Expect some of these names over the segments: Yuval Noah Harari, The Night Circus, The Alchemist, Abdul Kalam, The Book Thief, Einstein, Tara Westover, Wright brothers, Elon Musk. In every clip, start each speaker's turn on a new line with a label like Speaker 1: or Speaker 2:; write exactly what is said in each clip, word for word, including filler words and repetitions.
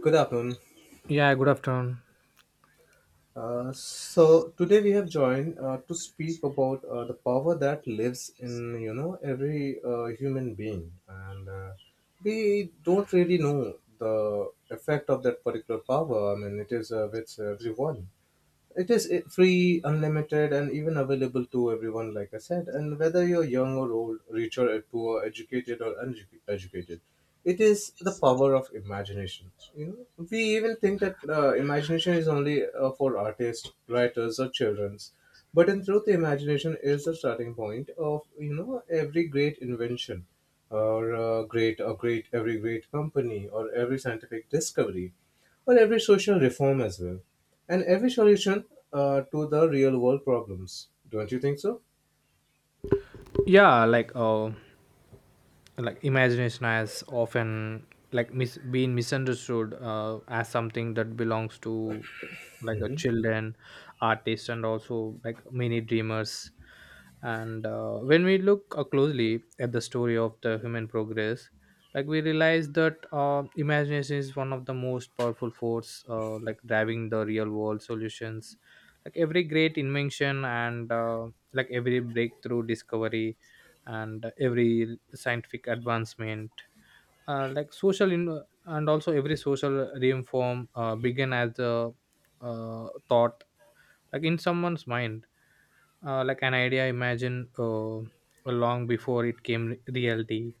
Speaker 1: Good afternoon.
Speaker 2: Yeah, good afternoon.
Speaker 1: Uh, so today we have joined uh, to speak about uh, the power that lives in you know every uh, human being, and uh, we don't really know the effect of that particular power. I mean, it is uh, with everyone. It is i- free, unlimited, and even available to everyone, like I said, and whether you're young or old, rich or poor, educated or uneducated, it is the power of imagination. You know, we even think that uh, imagination is only uh, for artists, writers, or children's, but in truth the imagination is the starting point of you know every great invention or uh, great or great every great company, or every scientific discovery, or every social reform as well, and every solution uh, to the real world problems. Don't you think so?
Speaker 2: Yeah, like uh, like imagination has often like mis- been misunderstood uh, as something that belongs to like a children, artists, and also like many dreamers. And uh, when we look uh, closely at the story of the human progress, like we realize that uh, imagination is one of the most powerful force, uh, like driving the real world solutions, like every great invention, and uh, like every breakthrough discovery and every scientific advancement. Uh, like social in- and also every social reform uh, began as a uh, thought like in someone's mind, uh, like an idea imagine, uh, long before it came re- reality.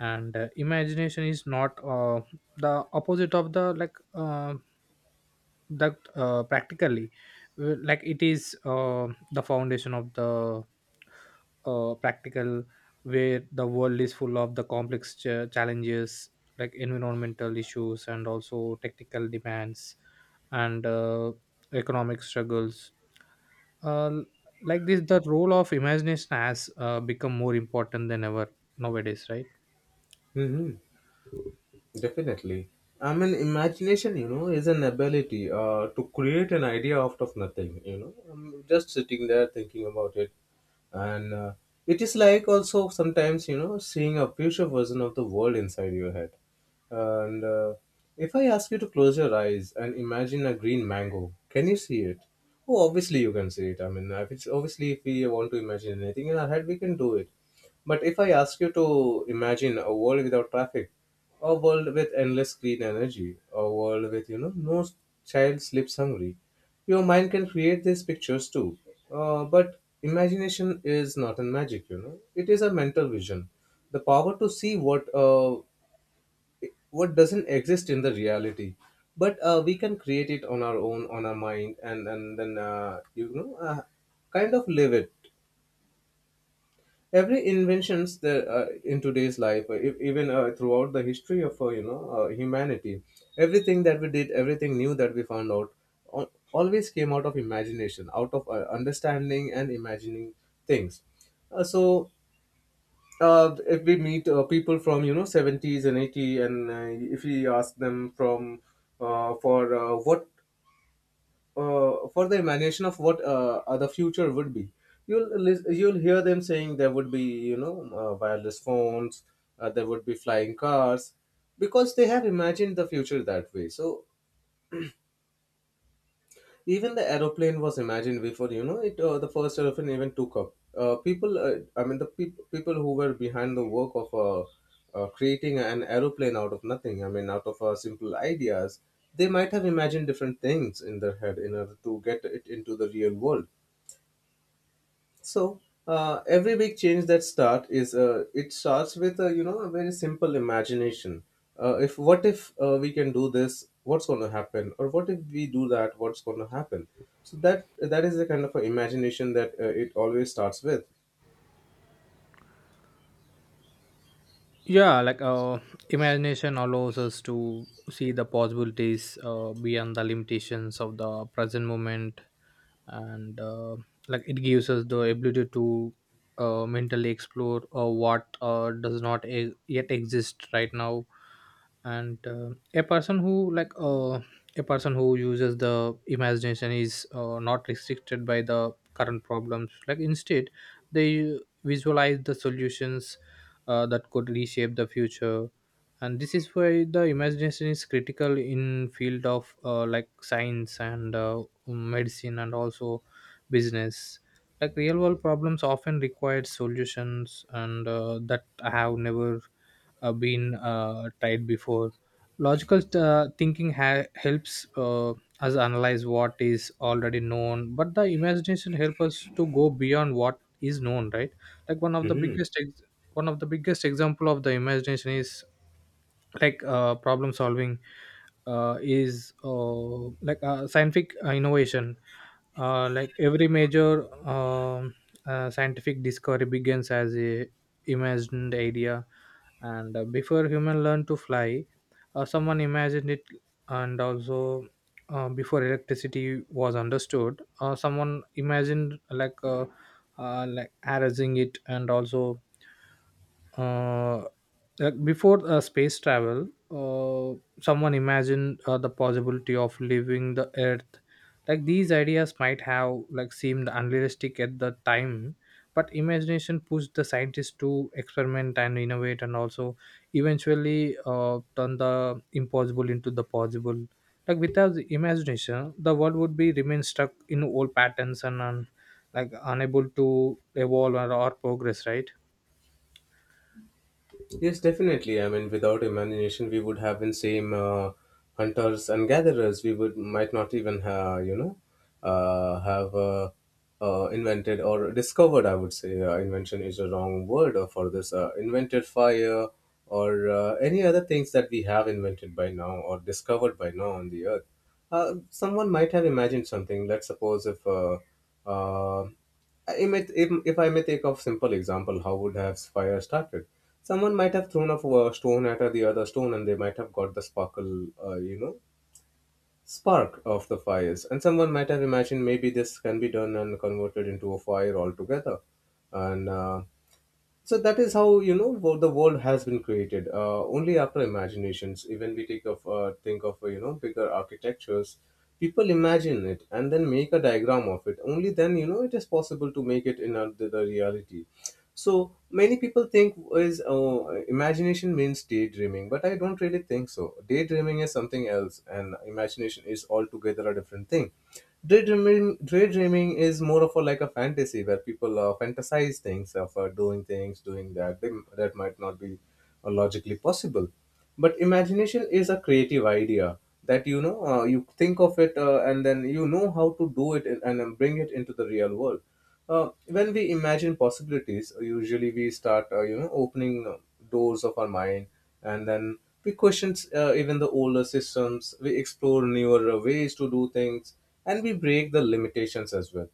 Speaker 2: And uh, imagination is not uh, the opposite of the like, uh, that uh, practically, uh, like it is uh, the foundation of the uh, practical, where the world is full of the complex ch- challenges, like environmental issues and also technical demands, and uh, economic struggles. uh, like this, the role of imagination has uh, become more important than ever nowadays, right?
Speaker 1: hmm Definitely. I mean, imagination, you know, is an ability uh, to create an idea out of nothing, you know. I'm just sitting there thinking about it. And uh, it is like also, sometimes, you know, seeing a future version of the world inside your head. And uh, if I ask you to close your eyes and imagine a green mango, can you see it? Oh, obviously you can see it. I mean, if it's obviously, if we want to imagine anything in our head, we can do it. But if I ask you to imagine a world without traffic, a world with endless green energy, a world with, you know, no child sleeps hungry, your mind can create these pictures too. Uh, but imagination is not a magic, you know. It is a mental vision, the power to see what uh, what doesn't exist in the reality. But uh, we can create it on our own, on our mind, and and then uh, you know uh, kind of live it. Every inventions the uh, in today's life, uh, e- even uh, throughout the history of uh, you know uh, humanity, everything that we did, everything new that we found out, al- always came out of imagination, out of uh, understanding and imagining things. Uh, so uh, if we meet uh, people from you know seventies and eighty, and uh, if we ask them from uh, for uh, what uh, for the imagination of what uh, uh, the future would be, you'll lis- you'll hear them saying there would be, you know, uh, wireless phones, uh, there would be flying cars, because they have imagined the future that way. So even the aeroplane was imagined before, you know it. Uh, the first aeroplane even took up. Uh, people, uh, I mean the peop- people who were behind the work of uh, uh, creating an aeroplane out of nothing. I mean, out of uh, simple ideas. They might have imagined different things in their head in order to get it into the real world. So uh, every big change that start is, uh, it starts with a, you know, a very simple imagination. Uh, if what if uh, we can do this, what's going to happen? Or what if we do that, what's going to happen? So that that is the kind of a imagination that uh, it always starts with.
Speaker 2: Yeah, like uh, imagination allows us to see the possibilities uh, beyond the limitations of the present moment. And uh, like it gives us the ability to uh, mentally explore uh, what uh, does not e- yet exist right now. And uh, a person who like uh, a person who uses the imagination is uh, not restricted by the current problems. Like instead, they visualize the solutions uh, that could reshape the future. And this is why the imagination is critical in field of uh, like science and uh, um, medicine and also business. Like real world problems often require solutions, and uh, that have never uh, been uh, tried before. Logical uh, thinking ha- helps uh, us analyze what is already known, but the imagination helps us to go beyond what is known, right? Like one of the
Speaker 1: Mhm.
Speaker 2: biggest ex- one of the biggest example of the imagination is like uh, problem solving, uh, is uh, like uh, scientific uh, innovation. Uh, like every major um uh, scientific discovery begins as a imagined idea. And uh, before human learned to fly, uh, someone imagined it. And also uh, before electricity was understood, uh, someone imagined like, uh, uh, like arranging it. And also uh, like before uh, space travel, uh, someone imagined uh, the possibility of leaving the Earth. Like these ideas might have like seemed unrealistic at the time, but imagination pushed the scientists to experiment and innovate, and also eventually uh, turn the impossible into the possible. Like without the imagination, the world would be remain stuck in old patterns and un- like unable to evolve or, or progress, right?
Speaker 1: Yes, definitely. I mean, without imagination, we would have been same uh, hunters and gatherers. We would might not even have, you know, uh, have uh, uh, invented or discovered. I would say uh, invention is a wrong word uh, for this. Uh, invented fire or uh, any other things that we have invented by now, or discovered by now, on the earth. Uh, someone might have imagined something. Let's suppose if. Uh, uh, I may, if, if I may take a simple example, how would have fire started? Someone might have thrown a f- a stone at the other stone, and they might have got the sparkle, uh, you know, spark of the fires. And someone might have imagined, maybe this can be done and converted into a fire altogether. And uh, so that is how, you know, wo- the world has been created. Uh, only after imaginations. Even we take of uh, think of uh, you know bigger architectures, people imagine it and then make a diagram of it. Only then, you know, it is possible to make it in a, the, the reality. So many people think is uh, imagination means daydreaming, but I don't really think so. Daydreaming is something else, and imagination is altogether a different thing. Daydreaming, daydreaming is more of a, like a fantasy, where people uh, fantasize things of uh, doing things, doing that, they, that might not be uh, logically possible, but imagination is a creative idea that, you know, uh, you think of it uh, and then you know how to do it, and, and then bring it into the real world. Uh, when we imagine possibilities, uh, usually we start, uh, you know, opening uh, doors of our mind, and then we question uh, even the older systems. We explore newer uh, ways to do things, and we break the limitations as well.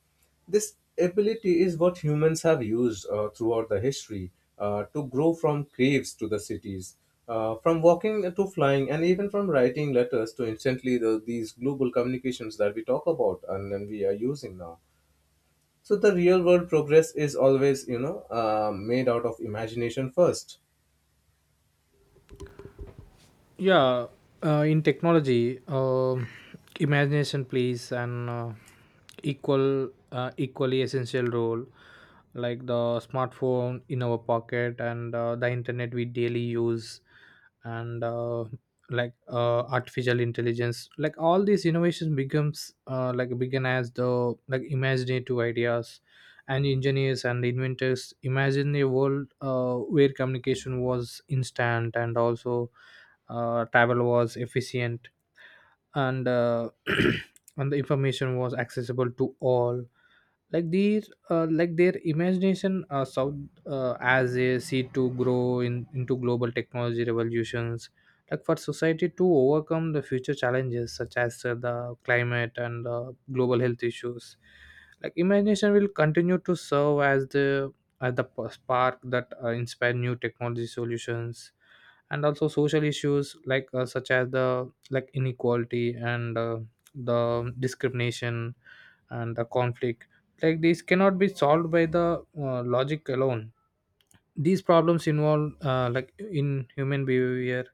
Speaker 1: This ability is what humans have used uh, throughout the history uh, to grow from caves to the cities, uh, from walking to flying, and even from writing letters to instantly the, these global communications that we talk about and then we are using now. So the real world progress is always, you know, uh, made out of imagination first.
Speaker 2: Yeah. Uh, in technology, um imagination plays an uh, equal uh, equally essential role, like the smartphone in our pocket, and uh, the internet we daily use, and uh, like uh, artificial intelligence. Like all these innovations becomes uh, like begin as the like imaginative ideas. And engineers and inventors imagine a world uh, where communication was instant and also uh, travel was efficient, and uh, and the information was accessible to all. like their uh, like their imagination uh, south, uh, as they see to grow in, into global technology revolutions. Like for society to overcome the future challenges such as uh, the climate and uh, global health issues, like imagination will continue to serve as the as the p- spark that uh, inspire new technology solutions. And also social issues like, uh, such as the like inequality and uh, the discrimination and the conflict, like this cannot be solved by the uh, logic alone. These problems involve uh, like in human behavior,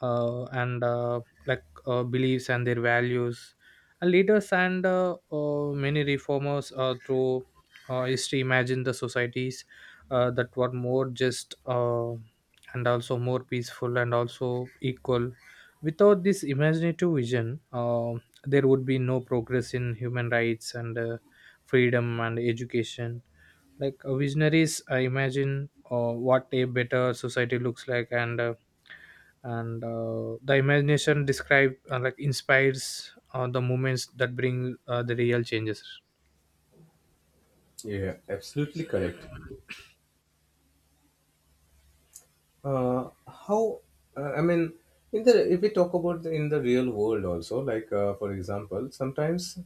Speaker 2: uh, and uh, like uh, beliefs and their values. And leaders and uh, uh, many reformers uh, through uh, history imagine the societies uh, that were more just, uh, and also more peaceful and also equal. Without this imaginative vision, uh, there would be no progress in human rights and uh, freedom and education. Like uh, visionaries uh, imagine uh, what a better society looks like, and uh, and uh, the imagination describe uh, like inspires uh, the moments that bring uh, the real changes.
Speaker 1: Yeah, absolutely correct. Uh, how uh, I mean In the, if we talk about the, in the real world also, like, uh, for example, sometimes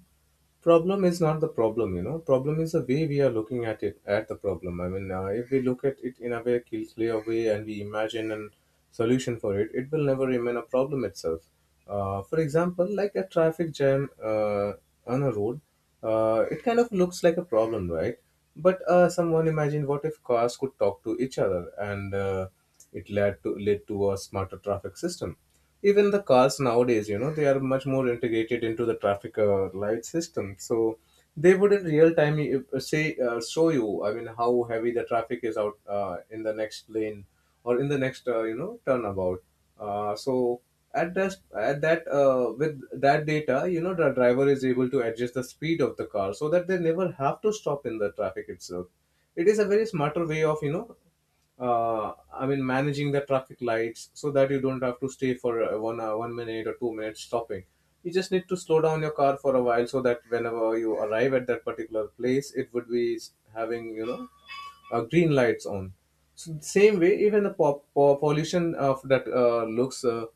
Speaker 1: problem is not the problem, you know, problem is the way we are looking at it at the problem. I mean, uh, if we look at it in a very cl- clear way and we imagine a solution for it, it will never remain a problem itself. Uh, for example, like a traffic jam uh, on a road, uh, it kind of looks like a problem, right? But uh, someone imagine, what if cars could talk to each other? And uh, it led to led to a smarter traffic system. Even the cars nowadays, you know, they are much more integrated into the traffic uh, light system. So they would, in real time, uh, say uh, show you, I mean, how heavy the traffic is out uh, in the next lane, or in the next, uh, you know, turnabout. Uh, so at that at that uh, with that data, you know, the driver is able to adjust the speed of the car so that they never have to stop in the traffic itself. It is a very smarter way of, you know, uh, I mean, managing the traffic lights, so that you don't have to stay for uh, one hour, one minute, or two minutes stopping. You just need to slow down your car for a while, so that whenever you arrive at that particular place, it would be s- having, you know, uh, green lights on. So the same way, even the po- po- pollution of that uh, looks, uh,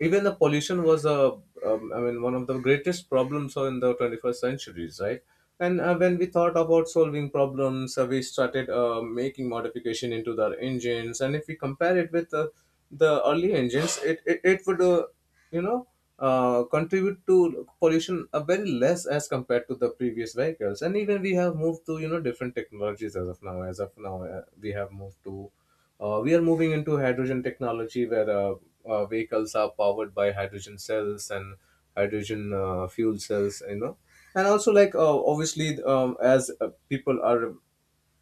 Speaker 1: even the pollution was a, um, I mean, one of the greatest problems in the twenty-first centuries, right? And uh, when we thought about solving problems, uh, we started uh, making modification into the engines. And if we compare it with uh, the early engines, it it, it would, uh, you know, uh, contribute to pollution a very less as compared to the previous vehicles. And even we have moved to, you know, different technologies as of now. As of now, uh, we have moved to uh, we are moving into hydrogen technology where, uh, uh, vehicles are powered by hydrogen cells, and hydrogen uh, fuel cells, you know. And also, like, uh, obviously, um, as uh, people are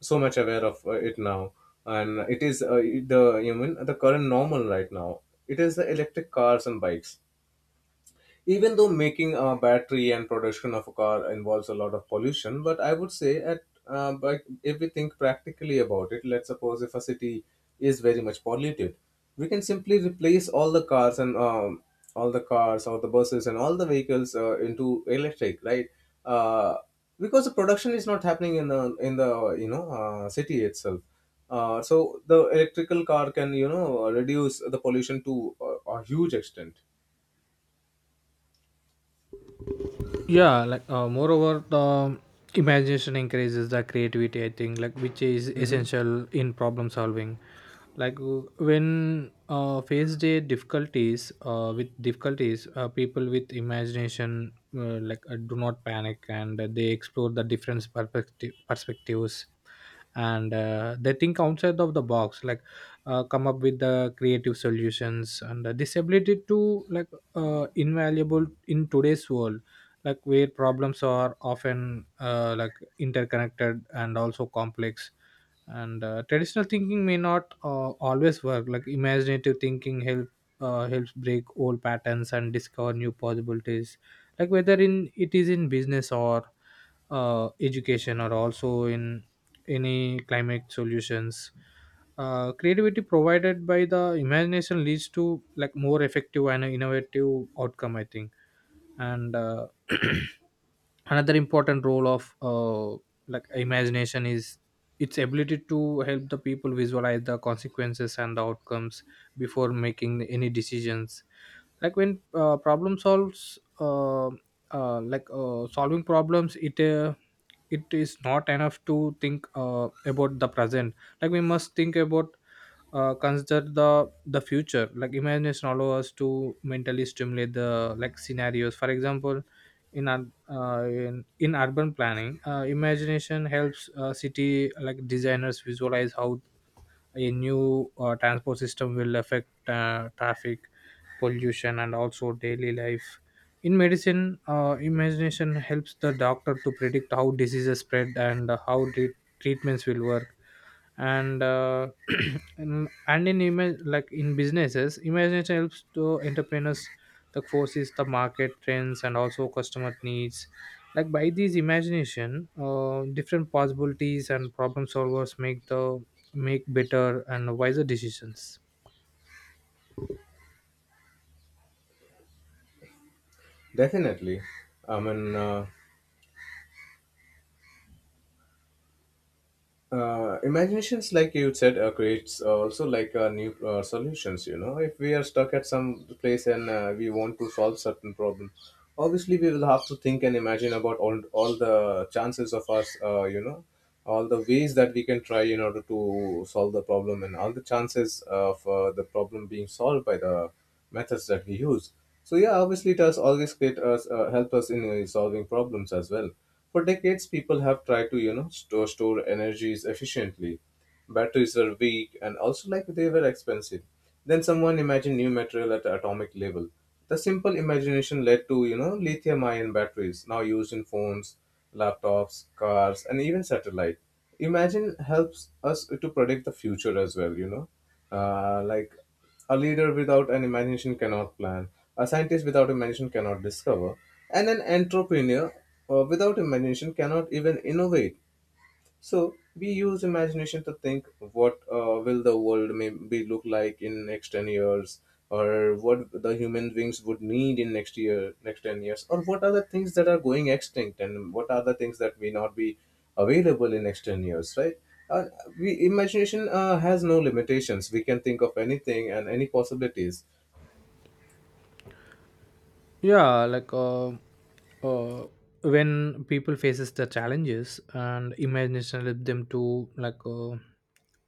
Speaker 1: so much aware of uh, it now, and it is uh, the, you mean the current normal right now, it is the electric cars and bikes. Even though making a battery and production of a car involves a lot of pollution, but I would say at, uh, but if we think practically about it, let's suppose if a city is very much polluted, we can simply replace all the cars and um, all the cars, or the buses, and all the vehicles uh, into electric, right? uh, because the production is not happening in the, in the, you know, uh, city itself. Uh, so the electrical car can, you know, reduce the pollution to a, a huge extent.
Speaker 2: Yeah, like uh, moreover the imagination increases the creativity, I think, like which is
Speaker 1: Hmm
Speaker 2: essential in problem solving. Like w- when uh, faced a difficulties uh, with difficulties, uh, people with imagination, uh, like uh, do not panic, and they explore the different perspective perspectives. And uh, they think outside of the box, like uh, come up with the creative solutions. And uh, this ability to, like, uh, invaluable in today's world, like where problems are often uh, like interconnected and also complex, and uh, traditional thinking may not uh, always work. Like imaginative thinking help uh, helps break old patterns and discover new possibilities, like whether in it is in business or uh, education or also in any climate solutions. Uh, creativity provided by the imagination leads to like more effective and innovative outcome, I think. And uh, another important role of uh, like imagination is its ability to help the people visualize the consequences and the outcomes before making any decisions. Like when uh, problem solves uh, uh, like uh, solving problems, it uh, it is not enough to think uh, about the present. Like we must think about, uh, consider the the future. Like imagination allow us to mentally stimulate the like scenarios. For example, in ur- uh, in, in urban planning, uh, imagination helps uh, city like designers visualize how a new uh, transport system will affect uh, traffic, pollution, and also daily life. In medicine, uh, imagination helps the doctor to predict how diseases spread and how treat treatments will work. And uh, and and in image like in businesses imagination helps to entrepreneurs, like forces the market trends and also customer needs. Like by these imagination, uh, different possibilities and problem solvers make the make better and wiser decisions.
Speaker 1: Definitely. I mean, uh, uh, imaginations, like you said, uh, creates uh, also like uh, new uh, solutions. You know, if we are stuck at some place and uh, we want to solve certain problem, obviously we will have to think and imagine about all all the chances of us. Uh, you know, all the ways that we can try in order to solve the problem and all the chances of uh, the problem being solved by the methods that we use. So yeah, obviously it has always create us uh, help us in uh, solving problems as well. For decades, people have tried to you know store store energies efficiently. Batteries were weak and also like they were expensive. Then someone imagined new material at the atomic level. The simple imagination led to you know lithium-ion batteries now used in phones, laptops, cars, and even satellite. Imagine helps us to predict the future as well. You know, uh, like a leader without an imagination cannot plan. A scientist without imagination cannot discover. And an entrepreneur uh, without imagination cannot even innovate. So we use imagination to think what uh, will the world maybe look like in next ten years, or what the human beings would need in next year next ten years, or what are the things that are going extinct and what are the things that may not be available in next ten years, right? Uh, we imagination uh, has no limitations. We can think of anything and any possibilities.
Speaker 2: Yeah, like uh, uh when people faces the challenges, and imagination help them to, like, uh,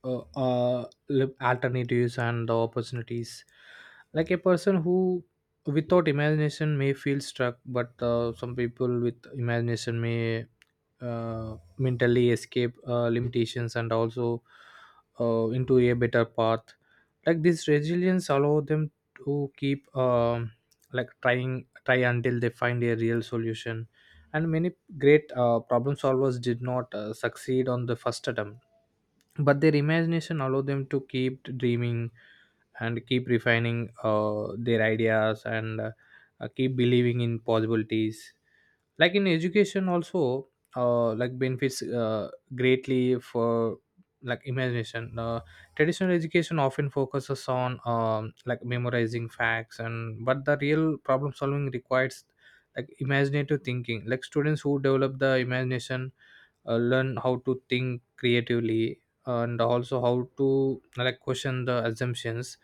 Speaker 2: uh, uh look alternatives and the opportunities. Like a person who without imagination may feel stuck, but uh, some people with imagination may uh, mentally escape uh, limitations, and also uh, into a better path. Like this resilience allow them to keep um like trying, try until they find a real solution. And many great uh, problem solvers did not uh, succeed on the first attempt, but their imagination allowed them to keep dreaming and keep refining uh, their ideas, and uh, uh, keep believing in possibilities. Like in education also, uh, like benefits uh, greatly for like imagination. Uh, traditional education often focuses on um, like memorizing facts, and but the real problem solving requires like imaginative thinking. Like students who develop the imagination uh, learn how to think creatively, and also how to like question the assumptions.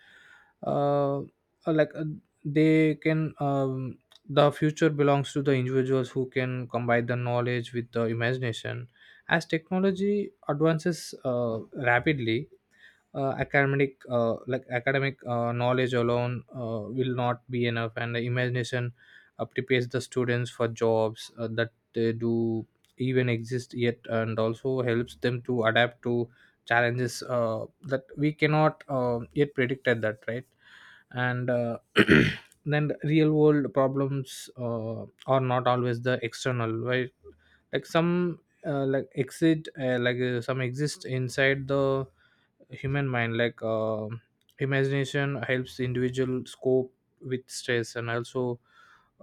Speaker 2: uh, uh, like uh, they can, um, the future belongs to the individuals who can combine the knowledge with the imagination. As technology advances uh, rapidly, uh, academic uh, like academic uh, knowledge alone uh, will not be enough, and the imagination uh, prepares the students for jobs uh, that they do even exist yet, and also helps them to adapt to challenges uh, that we cannot uh, yet predict at that, right? And uh, then real world problems uh, are not always the external, right? Like some, uh, like exit uh, like uh, some exist inside the human mind. Like um imagination helps individual cope with stress, and also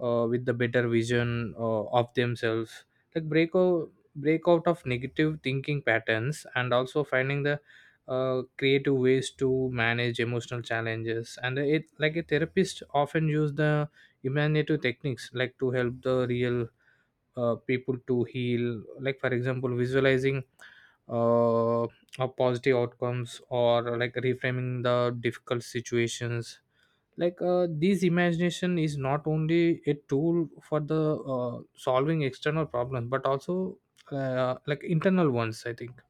Speaker 2: uh, with the better vision uh, of themselves, like break out break out of negative thinking patterns, and also finding the uh, creative ways to manage emotional challenges. And it, like, a therapist often use the imaginative techniques, like to help the real uh, people to heal, like for example visualizing uh, a positive outcomes, or like reframing the difficult situations. Like uh, this imagination is not only a tool for the uh, solving external problems, but also uh, like internal ones, I think.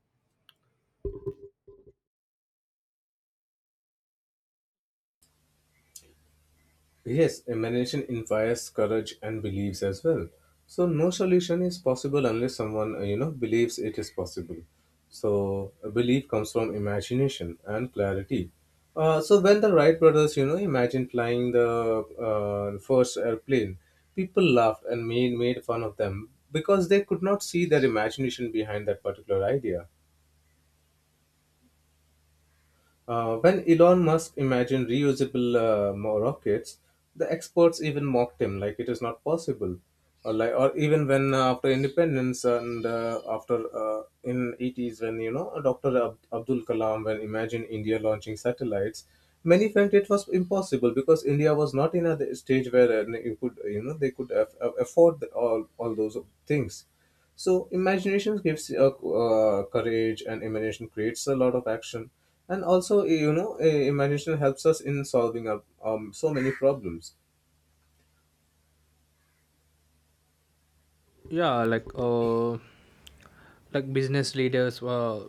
Speaker 1: Yes, imagination inspires courage and beliefs as well. So no solution is possible unless someone uh, you know believes it is possible. So a belief comes from imagination and clarity. Uh, so when the Wright brothers you know imagined flying the uh, first airplane, people laughed and made made fun of them because they could not see their imagination behind that particular idea. Uh, when Elon Musk imagined reusable uh, mo- rockets, the experts even mocked him, like it is not possible. Or, like, or even when uh, after independence and uh, after uh, in eighties when you know doctor Ab- Abdul Kalam when imagined India launching satellites, many felt it was impossible because India was not in a stage where uh, you could you know they could aff- aff- afford all all those things. So imagination gives uh, uh, courage, and imagination creates a lot of action. And also, eh, you know, uh, imagination helps us in solving our, um, so many problems.
Speaker 2: Yeah, like uh like business leaders uh,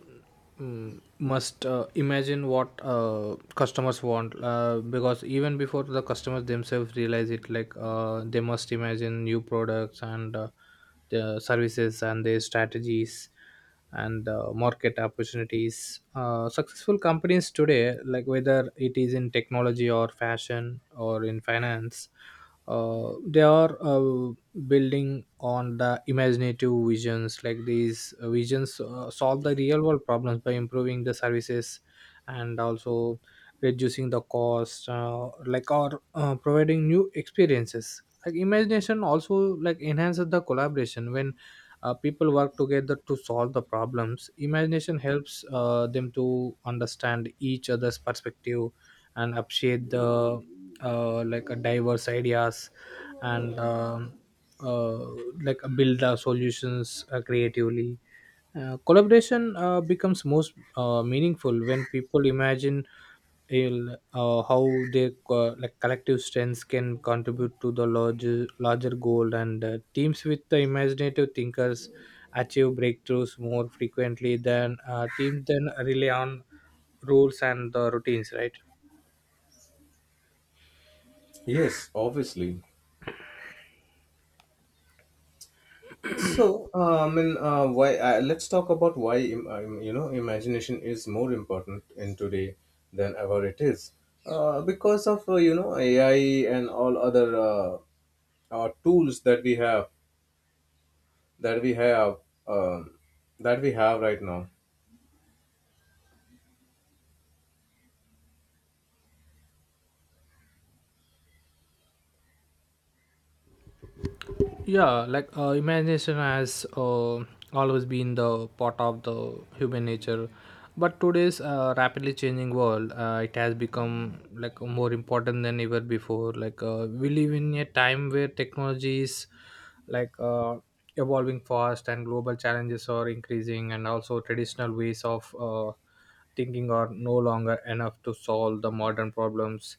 Speaker 2: mm, must uh, imagine what uh, customers want, uh, because even before the customers themselves realize it. Like uh, they must imagine new products, and uh, the services and their strategies, and uh, market opportunities. Uh, successful companies today, like whether it is in technology or fashion or in finance, uh, they are uh, building on the imaginative visions. Like these uh, visions uh, solve the real world problems by improving the services, and also reducing the cost, uh, like or uh, providing new experiences. Like imagination also like enhances the collaboration. When uh, people work together to solve the problems, imagination helps uh, them to understand each other's perspective and appreciate the, uh, like, a diverse ideas, and um uh, like uh, build our solutions uh, creatively. Uh, collaboration uh, becomes most uh, meaningful when people imagine il- uh, how their co- like collective strengths can contribute to the larger larger goal, and uh, teams with the imaginative thinkers achieve breakthroughs more frequently than uh, teams then rely on rules and the routines, right.
Speaker 1: Yes, obviously. So, uh, I mean, uh, why? Uh, let's talk about why im- um, you know imagination is more important in today than ever it is, uh, because of uh, you know A I and all other uh, uh, tools that we have that we have um, that we have right now.
Speaker 2: Yeah, like uh, imagination has uh, always been the part of the human nature, but today's uh, rapidly changing world, uh, it has become like more important than ever before. Like uh, we live in a time where technology is like uh, evolving fast and global challenges are increasing, and also traditional ways of uh, thinking are no longer enough to solve the modern problems.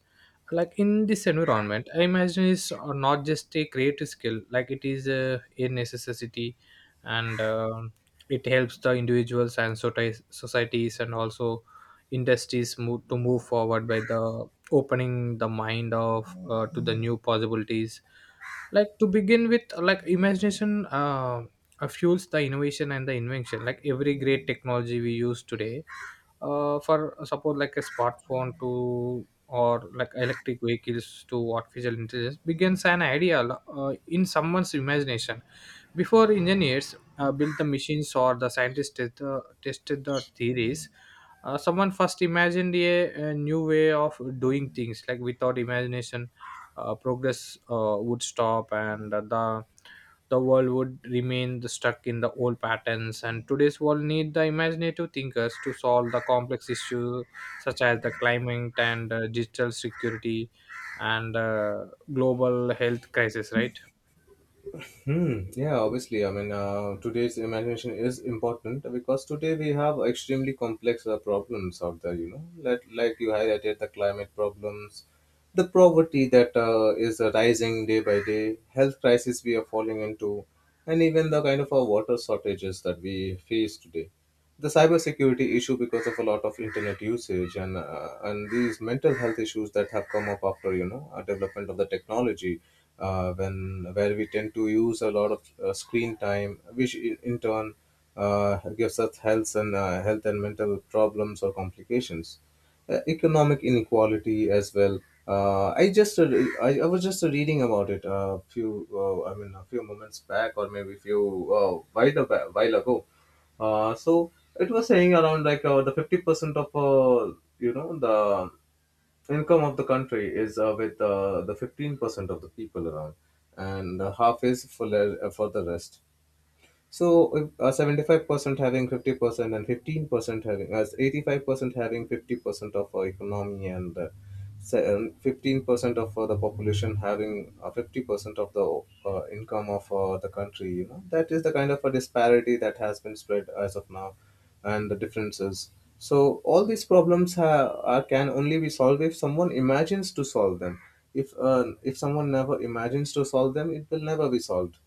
Speaker 2: Like in this environment, I imagine it's uh, not just a creative skill, like it is a, a necessity. And um it helps the individuals and soci- societies and also industries move, to move forward by the opening the mind of uh, to the new possibilities. Like to begin with, like imagination uh, uh, fuels the innovation and the invention. Like every great technology we use today, uh, for uh, suppose, like a smartphone to, or like electric vehicles to artificial intelligence, begins an idea uh, in someone's imagination. Before engineers uh, built the machines or the scientists did, uh, tested the theories, uh, someone first imagined a, a new way of doing things. Like without imagination, uh, progress uh, would stop, and the the world would remain the- stuck in the old patterns. And today's world need the imaginative thinkers to solve the complex issues such as the climate and uh, digital security and uh, global health crisis, right.
Speaker 1: Hmm. Yeah, obviously. I mean, uh, today's imagination is important because today we have extremely complex uh, problems out there. You know, like like you highlighted the climate problems, the poverty that uh, is uh, rising day by day, health crisis we are falling into, and even the kind of uh, water shortages that we face today, the cybersecurity issue because of a lot of internet usage, and uh, and these mental health issues that have come up after you know a development of the technology, uh, when where we tend to use a lot of uh, screen time, which in, in turn uh, gives us health and uh, health and mental problems or complications, uh, economic inequality as well. Uh, I just uh, I, I was just reading about it a few uh, I mean a few moments back, or maybe few uh, while a ba- while ago. Uh, so it was saying around like uh, the fifty percent of uh, you know the income of the country is uh, with uh, the fifteen percent of the people around, and uh, half is for, le- uh, for the rest. So if, uh, seventy-five percent having fifty percent and fifteen percent having as eighty-five percent having fifty percent of our economy and uh, se- and fifteen percent of uh, the population having uh, fifty percent of the uh, income of uh, the country, you know, that is the kind of a disparity that has been spread as of now, and the differences. So all these problems ha- are can only be solved if someone imagines to solve them. If uh, if someone never imagines to solve them, it will never be solved.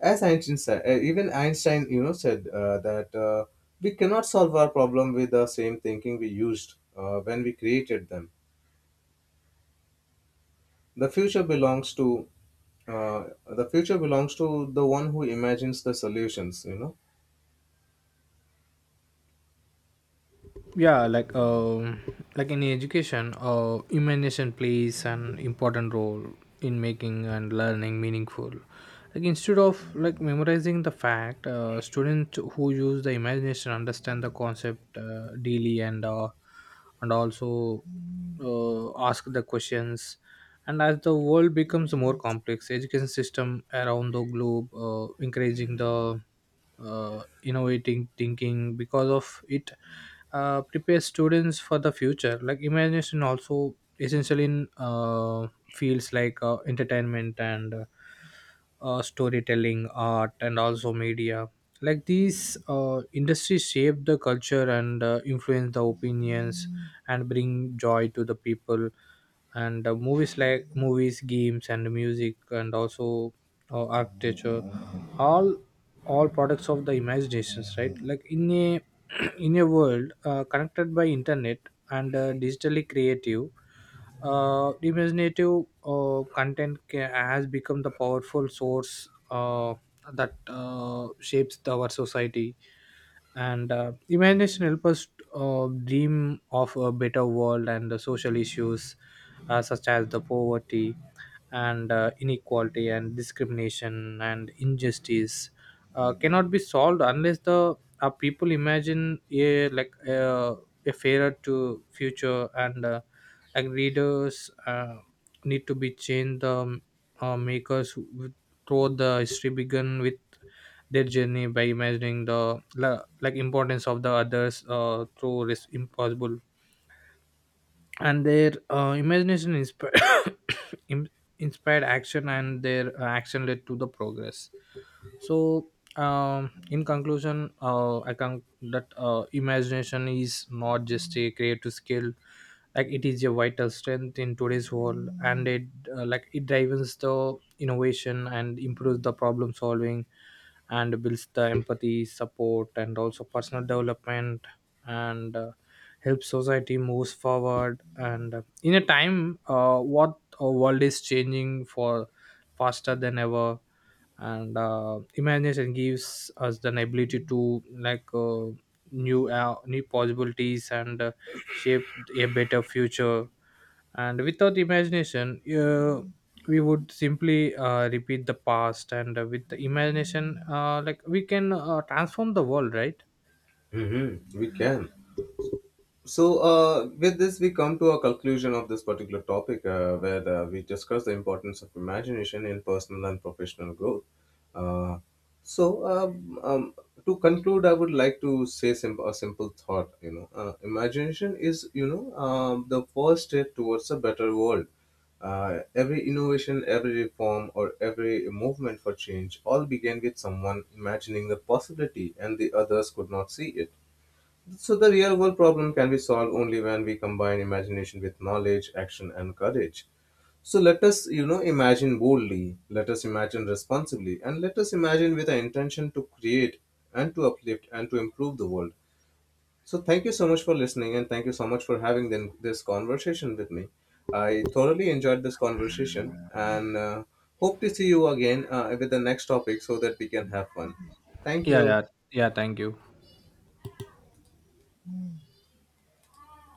Speaker 1: As Einstein said, uh, even Einstein you know said uh, that uh, we cannot solve our problem with the same thinking we used uh, when we created them. the future belongs to uh, the future belongs to the one who imagines the solutions, you know.
Speaker 2: Yeah like um like in education, uh, imagination plays an important role in making and learning meaningful. Like instead of like memorizing the fact, uh, students who use the imagination understand the concept uh, daily and uh, and also uh, ask the questions. And as the world becomes more complex, education system around the globe uh, encouraging the uh, innovating thinking because of it uh, prepares students for the future. Like imagination also essentially, in uh, fields like uh, entertainment and uh, uh, storytelling art and also media. Like these uh, industries shape the culture and uh, influence the opinions and bring joy to the people. And uh, movies like movies, games and music, and also uh, architecture, all all products of the imaginations, right. Like in a in a world uh, connected by internet and uh, digitally creative, uh, imaginative uh, content ca- has become the powerful source uh, that uh, shapes the- our society. And uh, imagination helps us uh, dream of a better world, and the social issues uh, such as the poverty and uh, inequality and discrimination and injustice uh, cannot be solved unless the uh, people imagine a like a, a fairer to future, and uh, like readers uh, need to be changed the um, uh, makers who- throughout the history began with their journey by imagining the la- like importance of the others uh, through this impossible. And their uh, imagination inspired im- inspired action, and their uh, action led to the progress. So um, in conclusion, uh, I can that uh, imagination is not just a creative skill, like it is a vital strength in today's world. And it uh, like it drives the innovation and improves the problem solving and builds the empathy support and also personal development. And uh, help society moves forward. And uh, in a time uh, what our world is changing for faster than ever, and uh, imagination gives us the ability to like uh, new uh, new possibilities and uh, shape a better future. And without imagination, uh, we would simply uh, repeat the past, and uh, with the imagination, uh, like we can uh, transform the world, right.
Speaker 1: Hmm, we can. So, uh, with this, we come to a conclusion of this particular topic uh, where uh, we discuss the importance of imagination in personal and professional growth. Uh, so, um, um, to conclude, I would like to say sim- a simple thought. You know, uh, imagination is you know um, the first step towards a better world. Uh, every innovation, every reform, or every movement for change all began with someone imagining the possibility, and the others could not see it. So the real world problem can be solved only when we combine imagination with knowledge, action and courage. So let us, you know, imagine boldly, let us imagine responsibly, and let us imagine with an intention to create and to uplift and to improve the world. So thank you so much for listening, and thank you so much for having then this conversation with me. I thoroughly enjoyed this conversation, and uh, hope to see you again uh, with the next topic so that we can have fun. Thank
Speaker 2: yeah
Speaker 1: you.
Speaker 2: yeah yeah thank you.